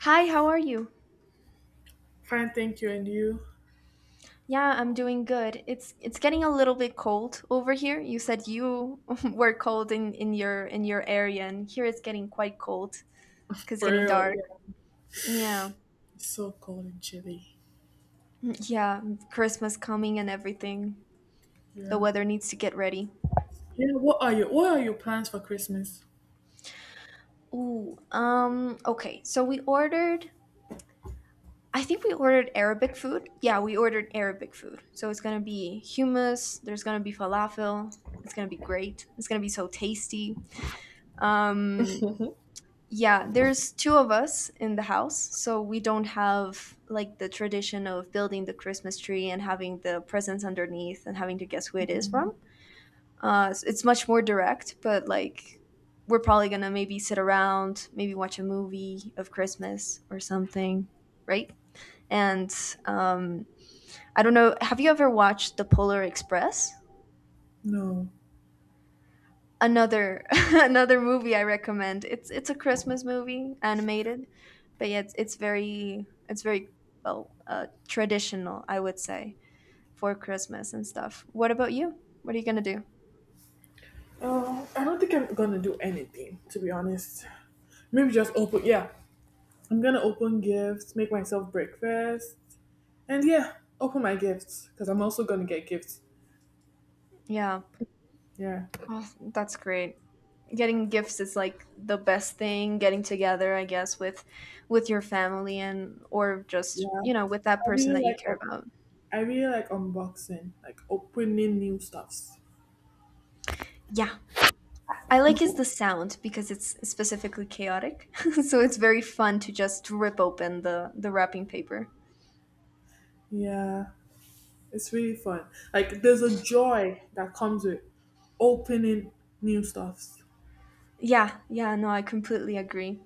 Hi, how are you? Fine, thank you. And you? Yeah, I'm doing good. It's getting a little bit cold over here. You said you were cold in your in your area, and here it's getting quite cold. Cause For getting real, dark. yeah. Yeah. It's so cold and chilly. Yeah, Christmas coming and everything. The Yeah. weather needs to get ready. Yeah, what are your plans for Christmas? Ooh, okay. I think we ordered Arabic food. Yeah, we ordered Arabic food. So it's gonna be hummus, there's gonna be falafel. It's gonna be great. It's gonna be so tasty. Um, Yeah, there's two of us in the house, so we don't have like the tradition of building the Christmas tree and having the presents underneath and having to guess who it is from. Mm. It's much more direct, but like we're probably gonna maybe sit around, maybe watch a movie of Christmas or something, right? And um, I don't know, have you ever watched The Polar Express? No. Another another movie I recommend. It's a Christmas movie, animated, but yeah, it's very well, traditional, I would say, for Christmas and stuff. What about you? What are you gonna do? I don't think I'm gonna do anything, to be honest. Maybe just open, yeah. I'm gonna open gifts, make myself breakfast, and yeah, open my gifts. Because I'm also gonna get gifts. Yeah, Yeah. oh, that's great. Getting gifts is like the best thing. Getting together, I guess, with your family and or just Yeah. you know with that person that you care about. I really like unboxing, like opening new stuffs. Yeah, I like is the sound because it's specifically chaotic. So it's very fun to just rip open the wrapping paper. Yeah. It's really fun. Like there's a joy that comes with opening new stuffs. Yeah, yeah, no, I completely agree.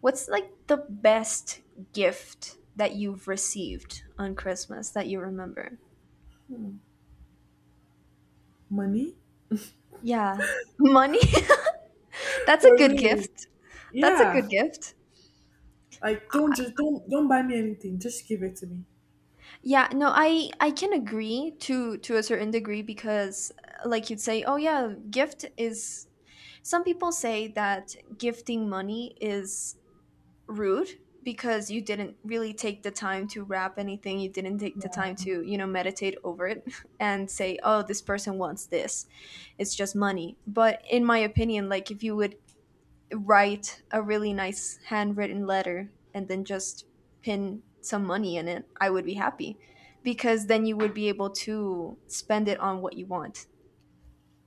What's like the best gift that you've received on Christmas that you remember? Money? Yeah. Money? That's a For good real. gift. That's a Yeah. good gift. Like don't, just don't buy me anything. Just give it to me. Yeah, no, I can agree to a certain degree because like you'd say, oh yeah, gift is some people say that gifting money is rude because you didn't really take the time to wrap anything, you didn't take the time to you know meditate over it, and say oh this person wants this. It's just money, but in my opinion, like if you would write a really nice handwritten letter and then just pin some money in it, I would be happy because then you would be able to spend it on what you want.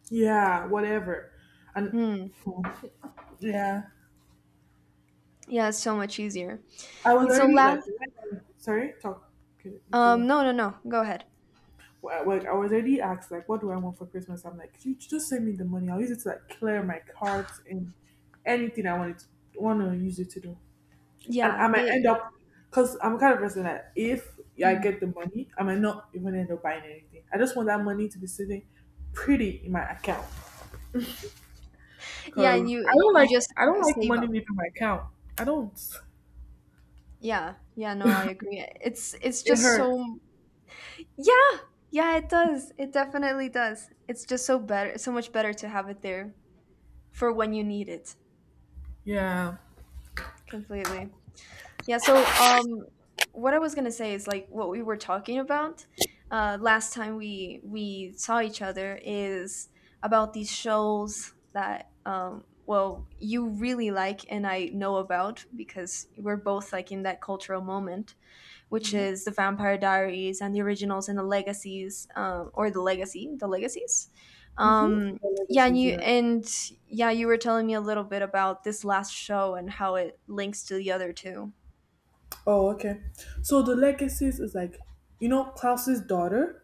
Yeah, whatever. And Mm, yeah. yeah, it's so much easier. I was And so already like last when, sorry, talk. Okay, you could go. No, no, no, go ahead. Well, like I was already asked like what do I want for Christmas? I'm like, you just send me the money. I'll use it to like clear my cards and anything I wanted to want to use it to do. And Yeah, I might end it. up, because I'm the kind of person that if I Hmm. get the money, I might not even end up buying anything. I just want that money to be sitting pretty in my account. Yeah, and Because you you just I don't like save money up. leaving my account. I don't. Yeah. Yeah, no, I agree. It's It just hurts. so. Yeah. Yeah, it does. It definitely does. It's just so better, so much better to have it there for when you need it. Yeah. Completely. Yeah, so, what I was going to say is like what we were talking about last time we saw each other is about these shows that well you really like, and I know about because we're both like in that cultural moment, which Mm-hmm. is the Vampire Diaries and the originals and the legacies, the legacies. The Um, yeah, and legacies, you you're right. and yeah, you were telling me a little bit about this last show and how it links to the other two. Oh, okay. So the legacies is like, Klaus's daughter.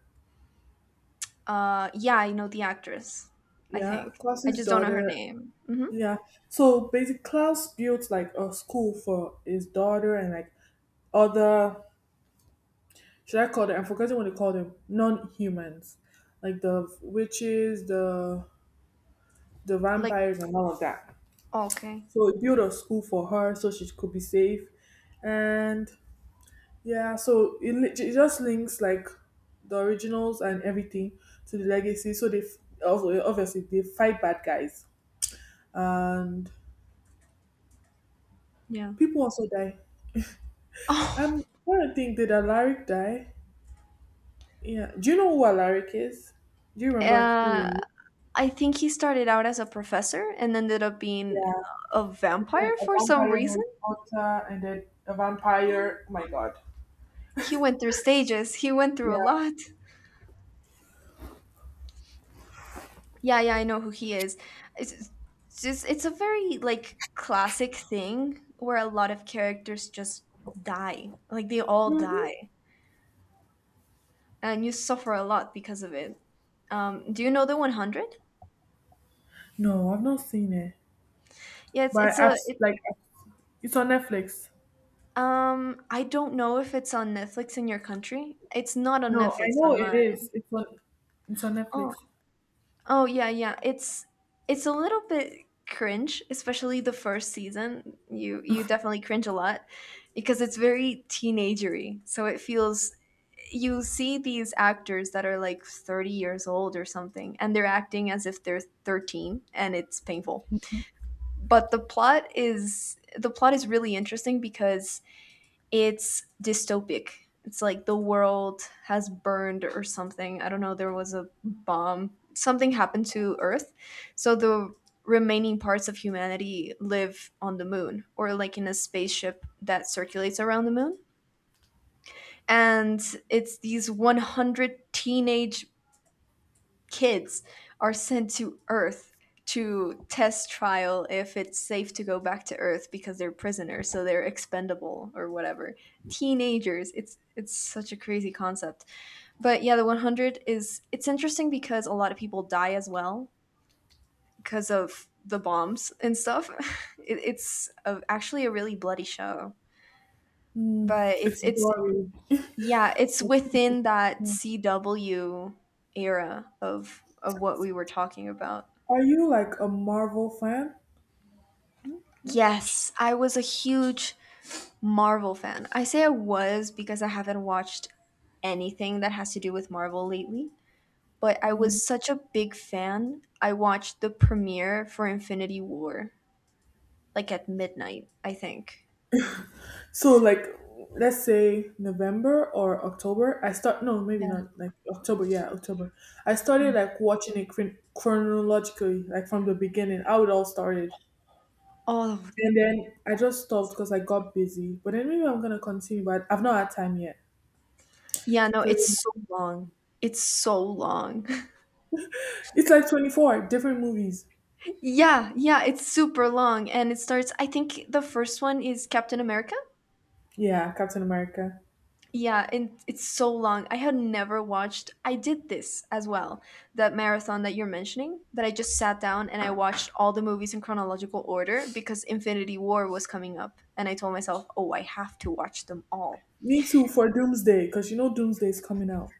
Yeah, I know the actress. I Yeah, think I Klaus's just don't know her daughter. name. Hmm. Yeah. So basically, Klaus built like a school for his daughter and like other, should I call them? I'm forgetting what they call them. Non-humans, like the witches, the Like, vampires, and all of that. oh, okay, So it built a school for her, so she could be safe. And yeah, so it just links like the originals and everything to the legacy. So also obviously they fight bad guys, and yeah. people also die. I'm trying to think, did Alaric die? Yeah. Do you know who Alaric is? Do you Oh, remember who? He is? I think he started out as a professor and ended up being Yeah. a Then vampire a for some vampire reason. Harry Potter, and then a vampire. Oh my god. He went through stages. He went through Yeah. a lot. Yeah, yeah, I know who he is. It's just it's a very like classic thing where a lot of characters just die. Like they all die Mhm. and you suffer a lot because of it. Do you know the 100? No, I've not seen it, Yeah, it's but it's a it, it's on Netflix. um I don't know if it's on Netflix in your country. It's not on No, Netflix I know on it mine. is. It's on. It's on Netflix. Oh, oh yeah, yeah. It's a little bit cringe, especially the first season. You definitely cringe a lot because it's very teenagery. So it feels you see these actors that are like 30 years old or something and they're acting as if they're 13 and it's painful. But the plot is really interesting because it's dystopic. It's like the world has burned or something. I don't know. There was a bomb. Something happened to Earth. So the remaining parts of humanity live on the moon or like in a spaceship that circulates around the moon. And it's these 100 teenage kids are sent to Earth to test trial if it's safe to go back to Earth because they're prisoners, so they're expendable or whatever. Teenagers, it's such a crazy concept. But yeah, the 100 is it's interesting because a lot of people die as well because of the bombs and stuff. Actually a really bloody show, Mm, but it's it's it's boring. yeah, it's It's- within that yeah. CW era of what we were talking about. Are you like a Marvel fan? No. Yes, I was a huge Marvel fan. I say I was because I haven't watched anything that has to do with Marvel lately, but I No. was such a big fan. I watched the premiere for Infinity War, like at midnight, I think. So like let's say November or October, I start no, maybe Yeah. not like October, yeah, October. I started like watching it chronologically, like from the beginning, how it all started. Oh, And then I just stopped because I got busy. But then maybe I'm gonna continue, but I've not had time yet. yeah, no, So it's yeah. so long. It's so long. It's like 24 different movies. Yeah, yeah, it's super long. And it starts, I think the first one is Captain America. Yeah, Captain America. Yeah, and it's so long. I had never watched. I did this as well, that marathon that you're mentioning, that I just sat down and I watched all the movies in chronological order because Infinity War was coming up. And I told myself, oh, I have to watch them all. Me too for Doomsday, because you know Doomsday is coming out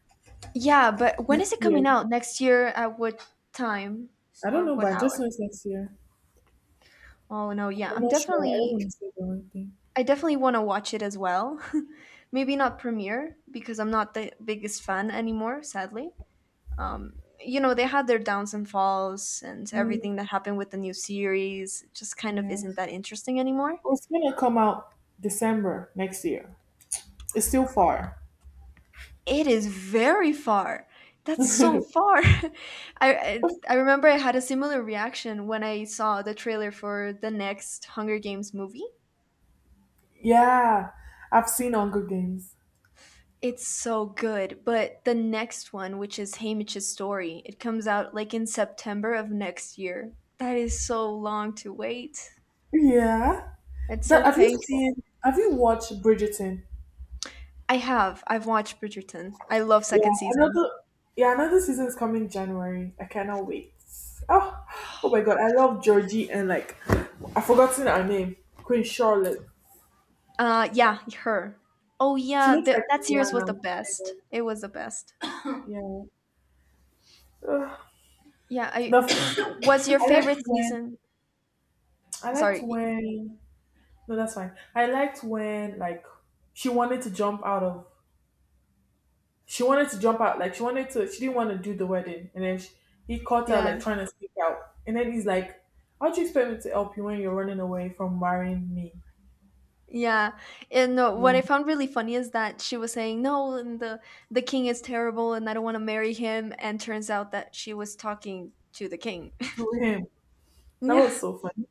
Yeah, but when next is it coming year. out? Next year at what time I don't or know, what but I just hour? know it's next year. Oh, no, yeah. I'm not sure. I don't want to say the wrong thing. I definitely want to watch it as well. Maybe not premiere because I'm not the biggest fan anymore, sadly. um, you know, they had their downs and falls, and Mm, everything that happened with the new series just kind of yeah. isn't that interesting anymore. It's gonna come out December next year. It's still far. It is very far. That's so far. I remember I had a similar reaction when I saw the trailer for the next Hunger Games movie. Yeah, I've seen Hunger Games. It's so good, but the next one, which is Haymitch's story, it comes out like in September of next year. That is so long to wait. Yeah. It's so That have you painful. seen? Have you watched Bridgerton? I have. I've watched Bridgerton. I love Yeah, second another. season. Yeah, another season is coming January. I cannot wait. Oh, oh my god, I love Georgie and like I've forgotten her name. Queen Charlotte. Yeah, her. Oh She yeah, looks the, like that series was the Rihanna. best. I It was the best. know. Yeah. Ugh. Yeah, The I. f- What's your I liked favorite when season? I liked Sorry. when no, that's fine. I liked when like she wanted to jump out of she wanted to jump out like she wanted to she didn't want to do the wedding and then she, he caught her Yeah, like trying to sneak out and then he's like, "How do you expect me to help you when you're running away from marrying me?" yeah. And no, Yeah, what I found really funny is that she was saying no, and the king is terrible, and I don't want to marry him. And turns out that she was talking to the king. to him that Yeah, was so funny.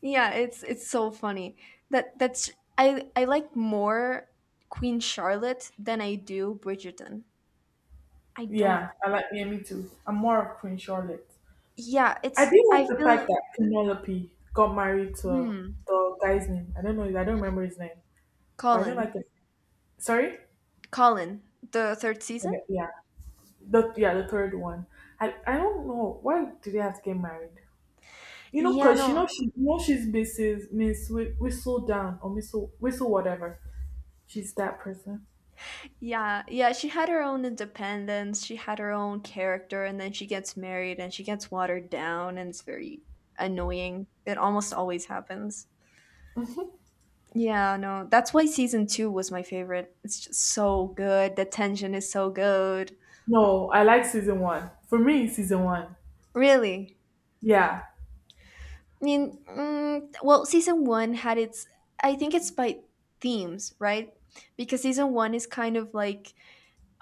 yeah, it's so funny. That's I like more Queen Charlotte than I do Bridgerton. I don't. Yeah, I like, yeah, me too. I'm more of Queen Charlotte. Yeah, I it's. did like I the fact feel. that Penelope got married to Hmm. the guy's name. I don't know. I don't remember his name, but I don't like Colin. the, sorry. Colin. The third season? Okay, yeah, the yeah, the third one. I don't know why do they have to get married. You know, Yeah, cause she no. know she she's Mrs. Miss Whistle Down or Whistle whatever. She's that person. Yeah, yeah. She had her own independence. She had her own character, and then she gets married and she gets watered down, and it's very annoying. It almost always happens. Yeah, no. That's why season two was my favorite. It's just so good. The tension is so good. No, I like season one. For me, season one. Really. Yeah, Well, season one had its. I think it's by themes, right? Because season one is kind of like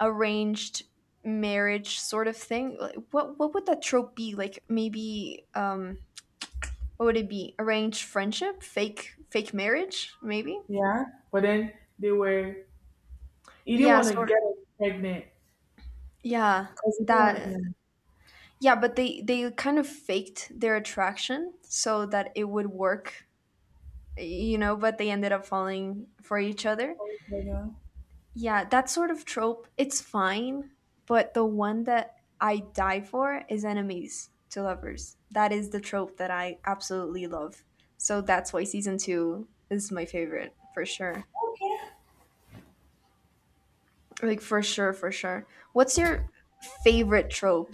arranged marriage sort of thing. Like, what would that trope be? Like maybe what would it be? Arranged friendship, fake marriage, maybe. yeah. But then they were he didn't Yeah, want to get sort. her pregnant Yeah, because he didn't want that. to. Yeah, but they kind of faked their attraction so that it would work, you know. But they ended up falling for each other. Yeah. Yeah, that sort of trope, it's fine, but the one that I die for is enemies to lovers. That is the trope that I absolutely love. So that's why season two is my favorite for sure. Okay. Like, for sure, for sure. What's your favorite trope?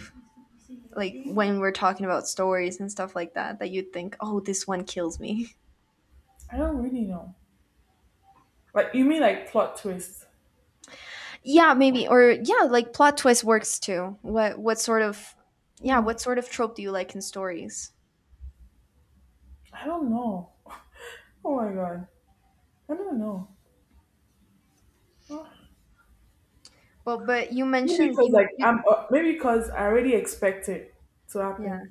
Like, when we're talking about stories and stuff like that, that you'd think, oh, this one kills me. I don't really know. Like you mean like plot twist? Yeah, maybe. Or, yeah, like plot twist works too. Yeah, Hmm. what sort of trope do you like in stories? I don't know. Oh my god. I don't know. Huh? Well, but you Maybe mentioned because you, m- like you I'm maybe because I already expect it to yeah. happen.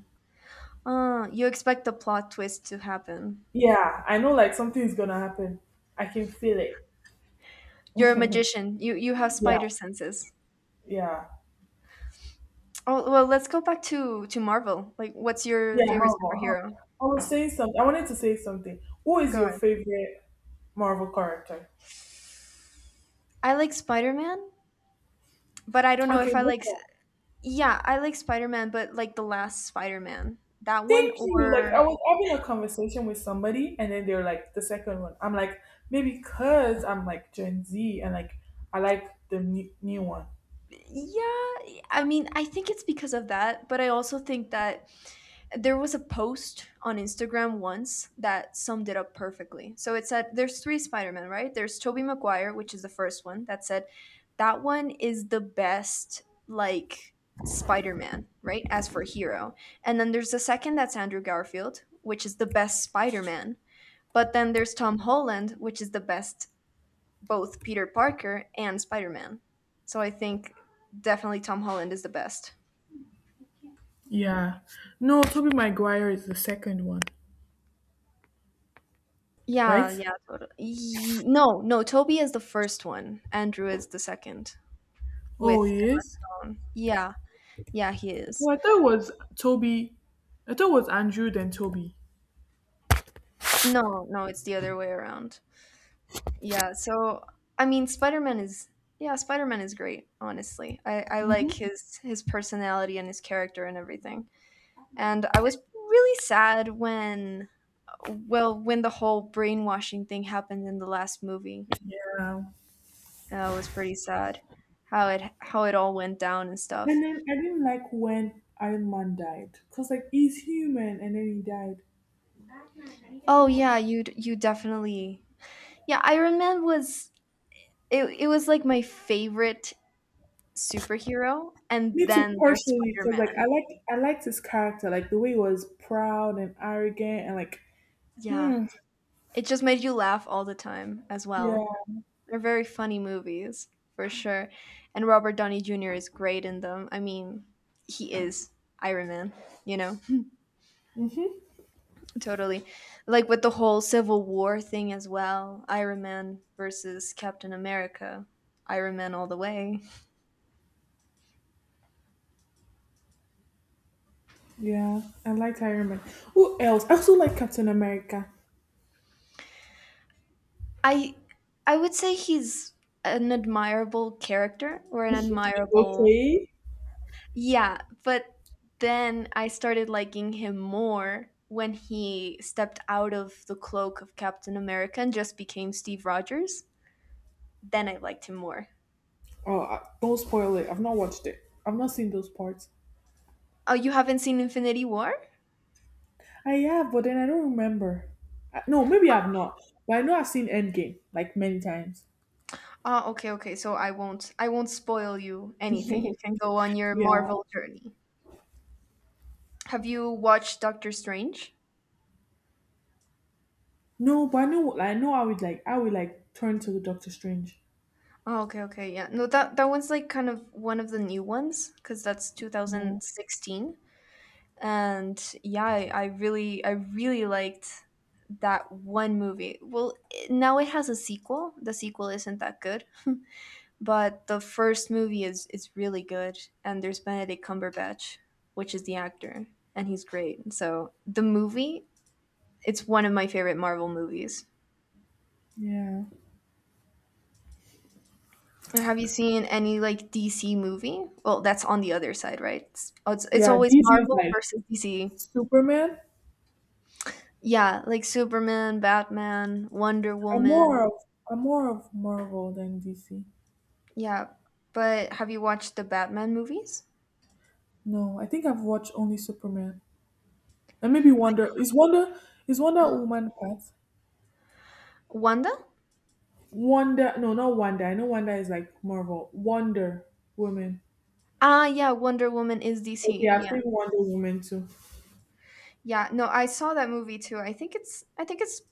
You expect the plot twist to happen. Yeah, I know like something's gonna happen. I can feel it. You're a magician. You have Yeah, spider senses. yeah, Oh, well, let's go back to Marvel. Like, what's your yeah. favorite Marvel. Huh? superhero? I was saying something. I wanted to say something. Who is Go your ahead. favorite Marvel character? I like Spider-Man, but I don't know Okay, if I this like one. yeah, I like Spider-Man, but like the last Spider-Man. That one Thank you. Like I or was having a conversation with somebody, and then they're like the second one. I'm like maybe because I'm like Gen Z and like I like the new, new one. yeah, I mean, I think it's because of that, but I also think that there was a post on Instagram once that summed it up perfectly. So it said there's three Spider-Man, right? There's Tobey Maguire, which is the first one that said that one is the best like Spider-Man, right? As for hero. And then there's the second that's Andrew Garfield, which is the best Spider-Man. But then there's Tom Holland, which is the best both Peter Parker and Spider Man. So I think definitely Tom Holland is the best. Yeah. No, Toby Maguire is the second one, Yeah, right? yeah, totally. No, no, Toby is the first one. Andrew is the second Oh, with he Emma is? Stone. Yeah, yeah, he is. Well, I thought it was Toby. I thought it was Andrew, then Toby. No, no, it's the other way around. Yeah, so I mean, Spider Man is yeah, Spider Man is great. Honestly, I like Hmm. his personality and his character and everything. And I was really sad when when the whole brainwashing thing happened in the last movie. Yeah. It was pretty sad how it all went down and stuff. And then I didn't like when Iron Man died. Because, like, he's human and then he died. Oh yeah, you definitely. Yeah, I remember was It was like my favorite superhero, and Me too, then there's partially. Because, like, Spider-Man. I liked his character. Like, the way he was proud and arrogant and, like, Yeah, hmm. it just made you laugh all the time as Yeah. well. They're very funny movies, for sure. And Robert Downey Jr. is great in them. He is Iron Man, you know. Hmm. Totally. Like with the whole Civil War thing as well, Iron Man versus Captain America. Iron Man all the way. Yeah. I liked Iron Man. Who else? I also like Captain America. I I would say he's an admirable character or an admirable... Okay. Yeah, but then I started liking him more when he stepped out of the cloak of Captain America and just became Steve Rogers. Then I liked him more. Oh, don't spoil it. I've not watched it. I've not seen those parts. Oh, you haven't seen Infinity War? I have, but then I don't remember. No, maybe I've not. But I know I've seen Endgame like many times. Ah, okay, okay. So I won't spoil you anything. You can go on your Yeah. Marvel journey. Have you watched Doctor Strange? No, but I know. Like, I know. I would like turn to Doctor Strange. Oh, okay, okay. Yeah. No, that one's like kind of one of the new ones cuz that's Yeah. 2016. And yeah, I really liked that one movie. Well, now it has a sequel. The sequel isn't that good, but the first movie is really good, and there's Benedict Cumberbatch, which is the actor, and he's great. So, the movie... It's one of my favorite Marvel movies. Yeah. And have you seen any like DC movie? Well, that's on the other side, right? It's Yeah. always DC is Marvel like versus DC. Superman. Yeah, like Superman, Batman, Wonder I'm Woman. more of. I'm more of Marvel than DC. Yeah. But have you watched the Batman movies? No, I think I've watched only Superman and maybe I- Wonder. Is Wonder Woman part? Wanda? Wonder, no, not Wonder. I know Wonder is like Marvel. Wonder Woman. Ah, yeah, Wonder Woman is Okay, DC. I've Yeah. seen Wonder Woman too. Yeah, no, I saw that movie too. I think it's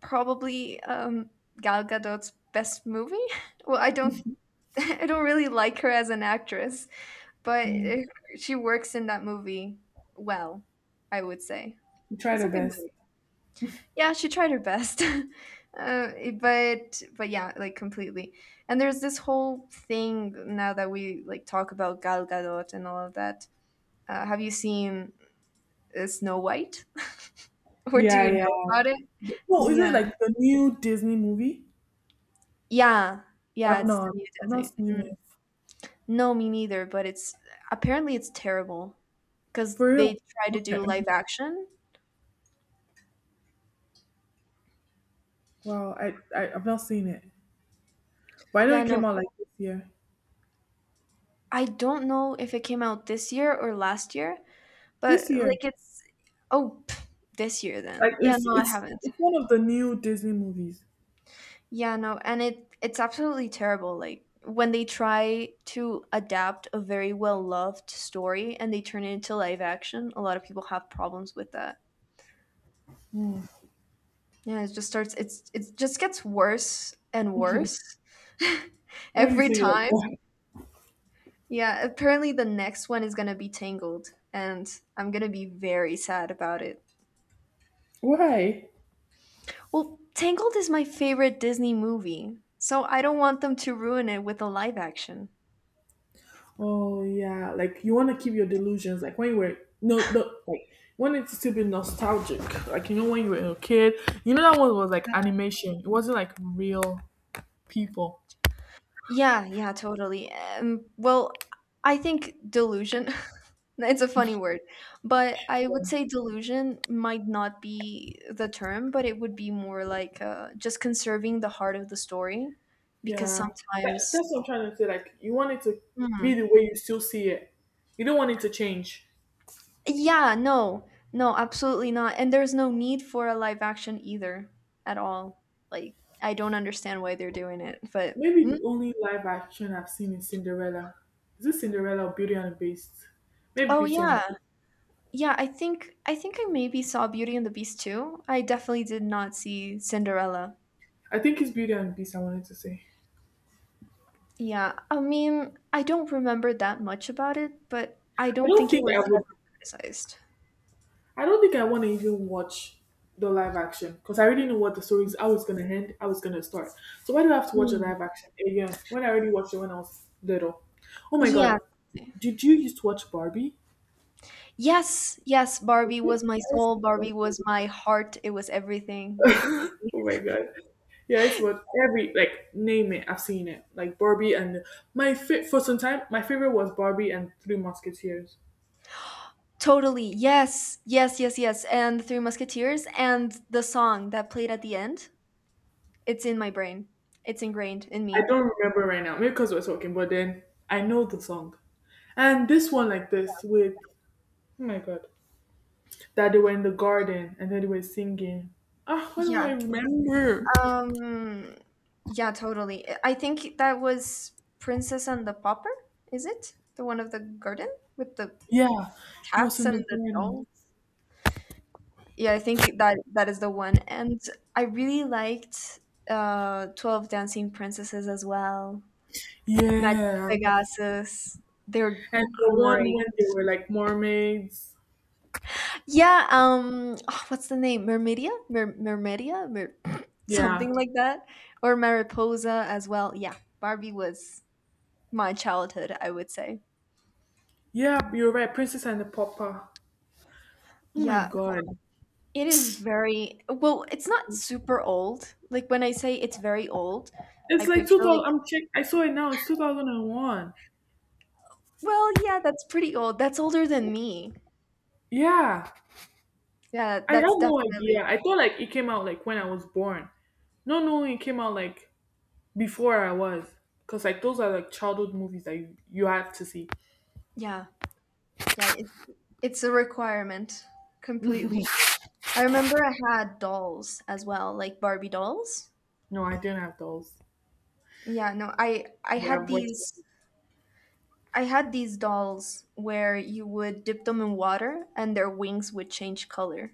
probably Gal Gadot's best movie. Well, I don't I don't really like her as an actress, but she works in that movie well, I would say. You try It's a the good best. movie. Yeah, she tried her best. uh, but yeah, like completely. And there's this whole thing now that we like talk about Gal Gadot and all of that. Have you seen Snow White? Or do Yeah, you yeah. know about it? No, is it Yeah. like the new Disney movie? Yeah. Yeah, I've it's the not. new I've not Disney. seen Mm. it. No, me neither, but it's apparently it's terrible because For they real? try to do Okay. live action. Wow, I've not seen it, but I know Yeah, it no, came out like this year. I don't know if it came out this year or last year, This but year, like it's... Oh, pff, this year like then. Yeah, it's no, I it's haven't. it's one of the new Disney movies. Yeah, no, and it's absolutely terrible. Like when they try to adapt a very well loved story and they turn it into live action, a lot of people have problems with that. Yeah, it just starts it's it just gets worse and worse Why do you every say it like time. that? Yeah, apparently the next one is gonna be Tangled, and I'm gonna be very sad about it. Why? Well, Tangled is my favorite Disney movie, so I don't want them to ruin it with a live action. Oh yeah, like you want to keep your delusions. Like when you were no, no like wanted to still be nostalgic. Like you know when you were a kid, you know that one was like animation. It wasn't like real people. Yeah, yeah, totally. Well, I think delusion, it's a funny word, but I would So, say delusion might not be the term, but it would be more like just conserving the heart of the story because yeah, sometimes... that's what I'm trying to say. Like you want it to be Hmm. the way you still see it. You don't want it to change. Yeah, no, no, absolutely not. And there's no need for a live action either at all. Like, I don't understand why they're doing it, but Maybe mm. the only live action I've seen is Cinderella. Is it Cinderella or Beauty and the Beast? Maybe Oh, Beauty and yeah. the Beast. Yeah, I maybe saw Beauty and the Beast too. I definitely did not see Cinderella. I think it's Beauty and the Beast. I wanted to say. Yeah, I mean, I don't remember that much about it, but I I don't don't think it think I was would heavily criticized. I don't think I want to even watch the live action because I already know what the story is, I was going to end, I was going to start. So why do I have to watch a Mm. live action again when I already watched it when I was little? Oh my god, Yeah. did you used to watch Barbie? Yes, yes, Barbie Yeah, was my I used soul, to watch Barbie was my heart, it was everything. Barbie. Oh my god. Yeah, I used to watch every like name it. I've seen it like Barbie and my fit for some time. My favorite was Barbie and Three Musketeers. Totally. Yes. Yes, yes, yes. And The Three Musketeers and the song that played at the end, it's in my brain. It's ingrained in I me. don't remember right now, maybe because we're talking, but then I know the song. And this one, like this, with oh my god. That they were in the garden and then they were singing. Ah, why don't Yeah. I remember? Um, yeah, totally. I think that was Princess and the Pauper, is it? The one of the garden with the Yeah, it was cats in and the the garden. dolls. Yeah, I think that that is the one. And I really liked 12 Dancing Princesses as well. Magic Yeah. Pegasus. They're And the one great. when they were like mermaids. Yeah, what's the name? Mermedia? Mermedia? Mer Yeah. something like that. Or Mariposa as well. Yeah, Barbie was my childhood, I would say. Yeah, you're right. Princess and the Pauper. Oh my Yeah, god. it is very well, it's not super old. Like when I say it's very old, I It's like picture like, 2000. I'm check. I saw it now. It's 2001. well, yeah, that's pretty old. That's older than me. Yeah. Yeah, I have that's no definitely idea. old. I thought like it came out like when I was born. No, no, it came out like before I was. Because like those are like childhood movies that you have to see. Yeah. Yeah, it's a requirement completely. I remember I had dolls as well, like Barbie dolls. No, I didn't have dolls. Yeah, no, But I've watched. I had these dolls where you would dip them in water and their wings would change color.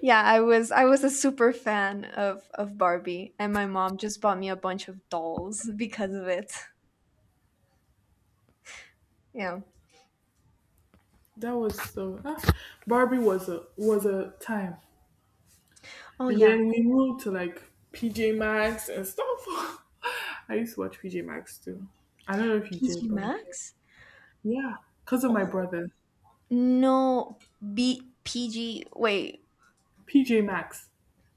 Yeah, I was a super fan of Barbie, and my mom just bought me a bunch of dolls because of it. Yeah. That was so. Ah, Barbie was a time, Oh and yeah, then we moved to like PJ Masks and stuff. I used to watch PJ Masks too. I don't know if you PG did, but I did. Max. Yeah, because of my Oh brother, no, B PG. Wait, PJ Masks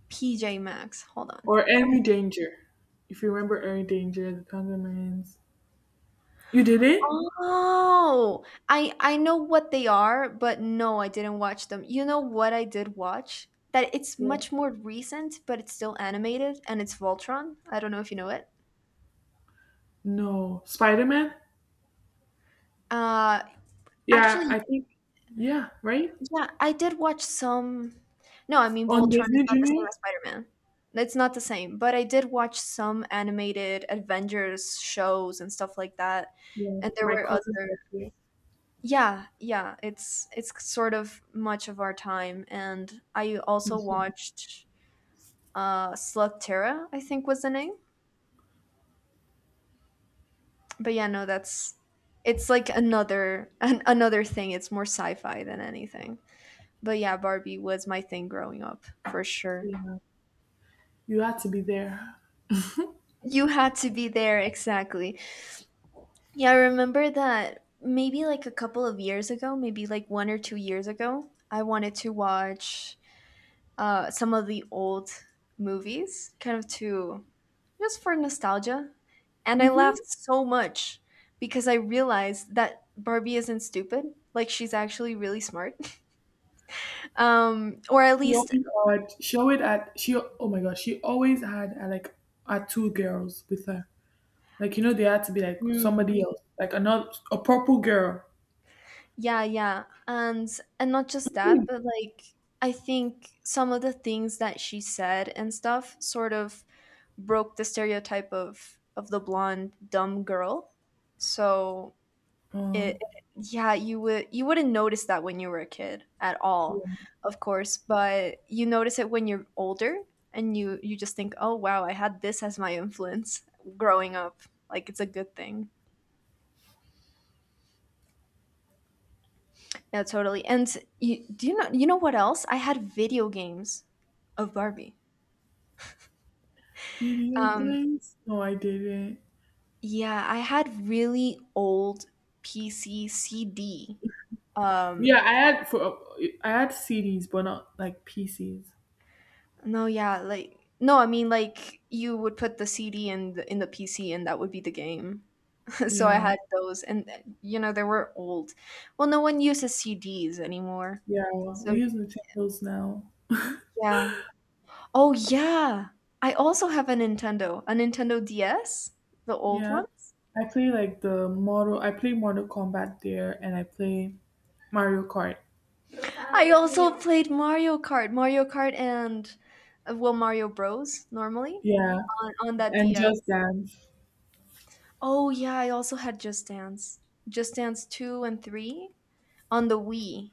PJ Max. Hold on. or Let me- Henry Danger. If you remember Henry Danger, the Penguins. You did it? Oh, I know what they are, but no, I didn't watch them. You know what I did watch? That it's Yeah. much more recent, but it's still animated, and it's Voltron. I don't know if you know it. No, Spider Man. Uh, Yeah, actually, I think. Yeah, right Yeah, I did watch some. No, I mean on Voltron is Disney not the same Junior. as Spider-Man. It's not the same, but I did watch some animated Avengers shows and stuff like that. Yeah, And there my were other... cousin's nephew. Yeah, yeah, it's sort of much of our time, and I also Yeah. watched Slugterra, I think was the name. But yeah, no, that's... It's like another thing. It's more sci-fi than anything. But yeah, Barbie was my thing growing up, for sure. You had to be there. You had to be there, exactly. Yeah, I remember that maybe like a couple of years ago, maybe like 1 or 2 years ago, I wanted to watch some of the old movies, kind of to... Just for nostalgia. And I laughed Hmm. so much because I realized that Barbie isn't stupid. Like, she's actually really smart. Or at She least, always had, she always had, she, oh my gosh, she always had like, had two girls with her. Like, they had to be like mm, somebody else, like another, a purple girl. yeah, yeah. And not just that, but like I think some of the things that she said and stuff sort of broke the stereotype of the blonde dumb girl. So it... Oh, Yeah, you wouldn't notice that when you were a kid at all, of course, but you notice it when you're older, and you just think, "Oh wow, I had this as my influence growing up." Like it's a good thing. Yeah, totally. And you know what else? I had video games of Barbie. video Um, games? No, I didn't. yeah, I had really old PC CD. Um, Yeah, I had CDs, but not like PCs. no, yeah, like no, I mean like you would put the CD in the PC and that would be the game. So I Yeah, had those, and you know they were old. Well, no one uses CDs anymore. yeah. We So use Nintendos now. yeah. Oh yeah, I also have a Nintendo DS, the old Yeah, ones. I play like the Mortal. I play Mortal Kombat there, and I play Mario Kart. I also played Mario Kart, and well, Mario Bros. Normally Yeah, on that and DS. Just Dance. Oh yeah, I also had Just Dance, Just Dance two and three on the Wii.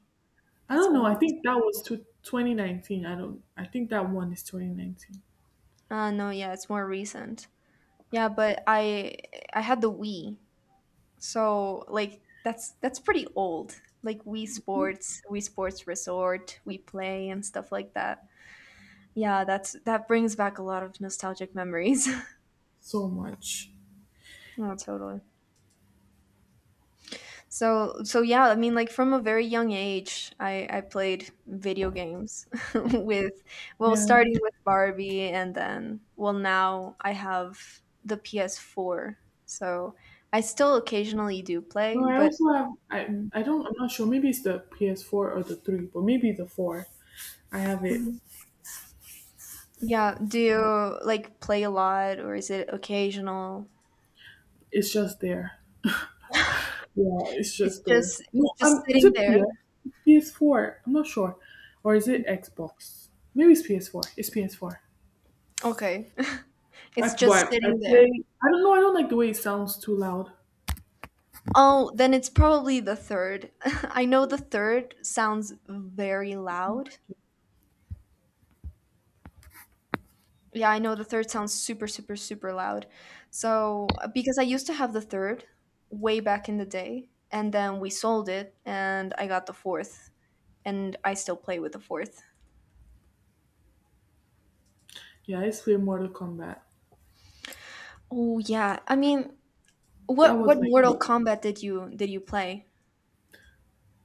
I That's don't know. I old. think that was to 2019. I don't. I think that one is 2019. No, yeah, it's more recent. Yeah, but I had the Wii, so like that's pretty old. Like Wii Sports, Wii Sports Resort, we Play, and stuff like that. Yeah, that's... That brings back a lot of nostalgic memories. So much. Oh, totally. Yeah, I mean like from a very young age I played video games with, well, Yeah. starting with Barbie, and then, well, now I have the PS4. So I still occasionally do play, No, I but... also have. I don't. I'm not sure. Maybe it's the PS4 or the three, but maybe the four. I have it. Mhm. Yeah, do you like play a lot or is it occasional? It's just there. Yeah, it's It's just there. No, just is sitting it there. PS? It's PS4. I'm not sure, or is it Xbox? Maybe it's PS4. It's PS4. Okay. It's I, just but I sitting there. play. I don't know. I don't like the way it sounds too loud. Oh, then it's probably the third. I know the third sounds very loud. Yeah, I know the third sounds super, super, super loud. So, because I used to have the third way back in the day, and then we sold it, and I got the fourth, and I still play with the fourth. Yeah, I used to play Mortal Kombat. Oh yeah, I mean, That what was my Mortal game. Kombat did you play?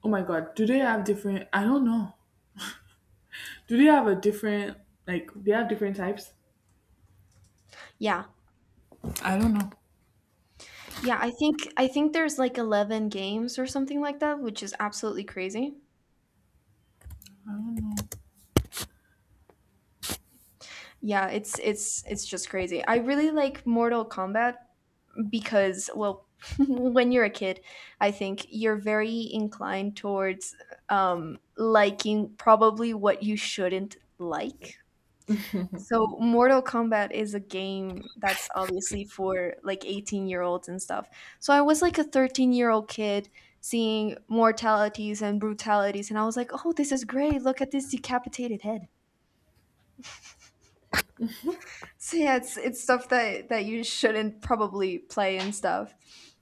Oh my god. Do they have different I don't know. Do they have a different like they have different types? Yeah, I don't know. yeah, I think there's like 11 games or something like that, which is absolutely crazy. I don't know. Yeah, it's it's just crazy. I really like Mortal Kombat because well, when you're a kid, I think you're very inclined towards liking probably what you shouldn't like. So Mortal Kombat is a game that's obviously for like 18-year-olds and stuff. So I was like a 13-year-old kid seeing mortalities and brutalities and I was like, "Oh, this is great. Look at this decapitated head." So yeah, it's stuff that that you shouldn't probably play and stuff.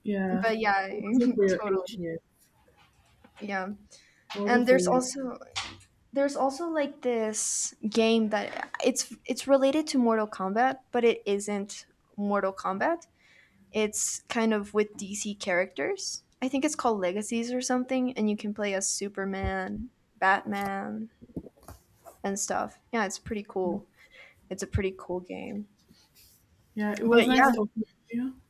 Yeah. But yeah, It wasn't for your age totally. yet. Yeah. It And wasn't for you. There's also like this game that it's related to Mortal Kombat, but it isn't Mortal Kombat. It's kind of with DC characters. I think it's called Legacies or something and you can play as Superman, Batman, and stuff. Yeah, it's pretty cool. It's a pretty cool game. Yeah, it was But nice yeah, talking to you.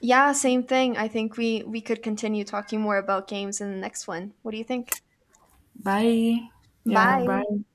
yeah, same thing. I think we could continue talking more about games in the next one. What do you think? Bye. Yeah, Bye. bye.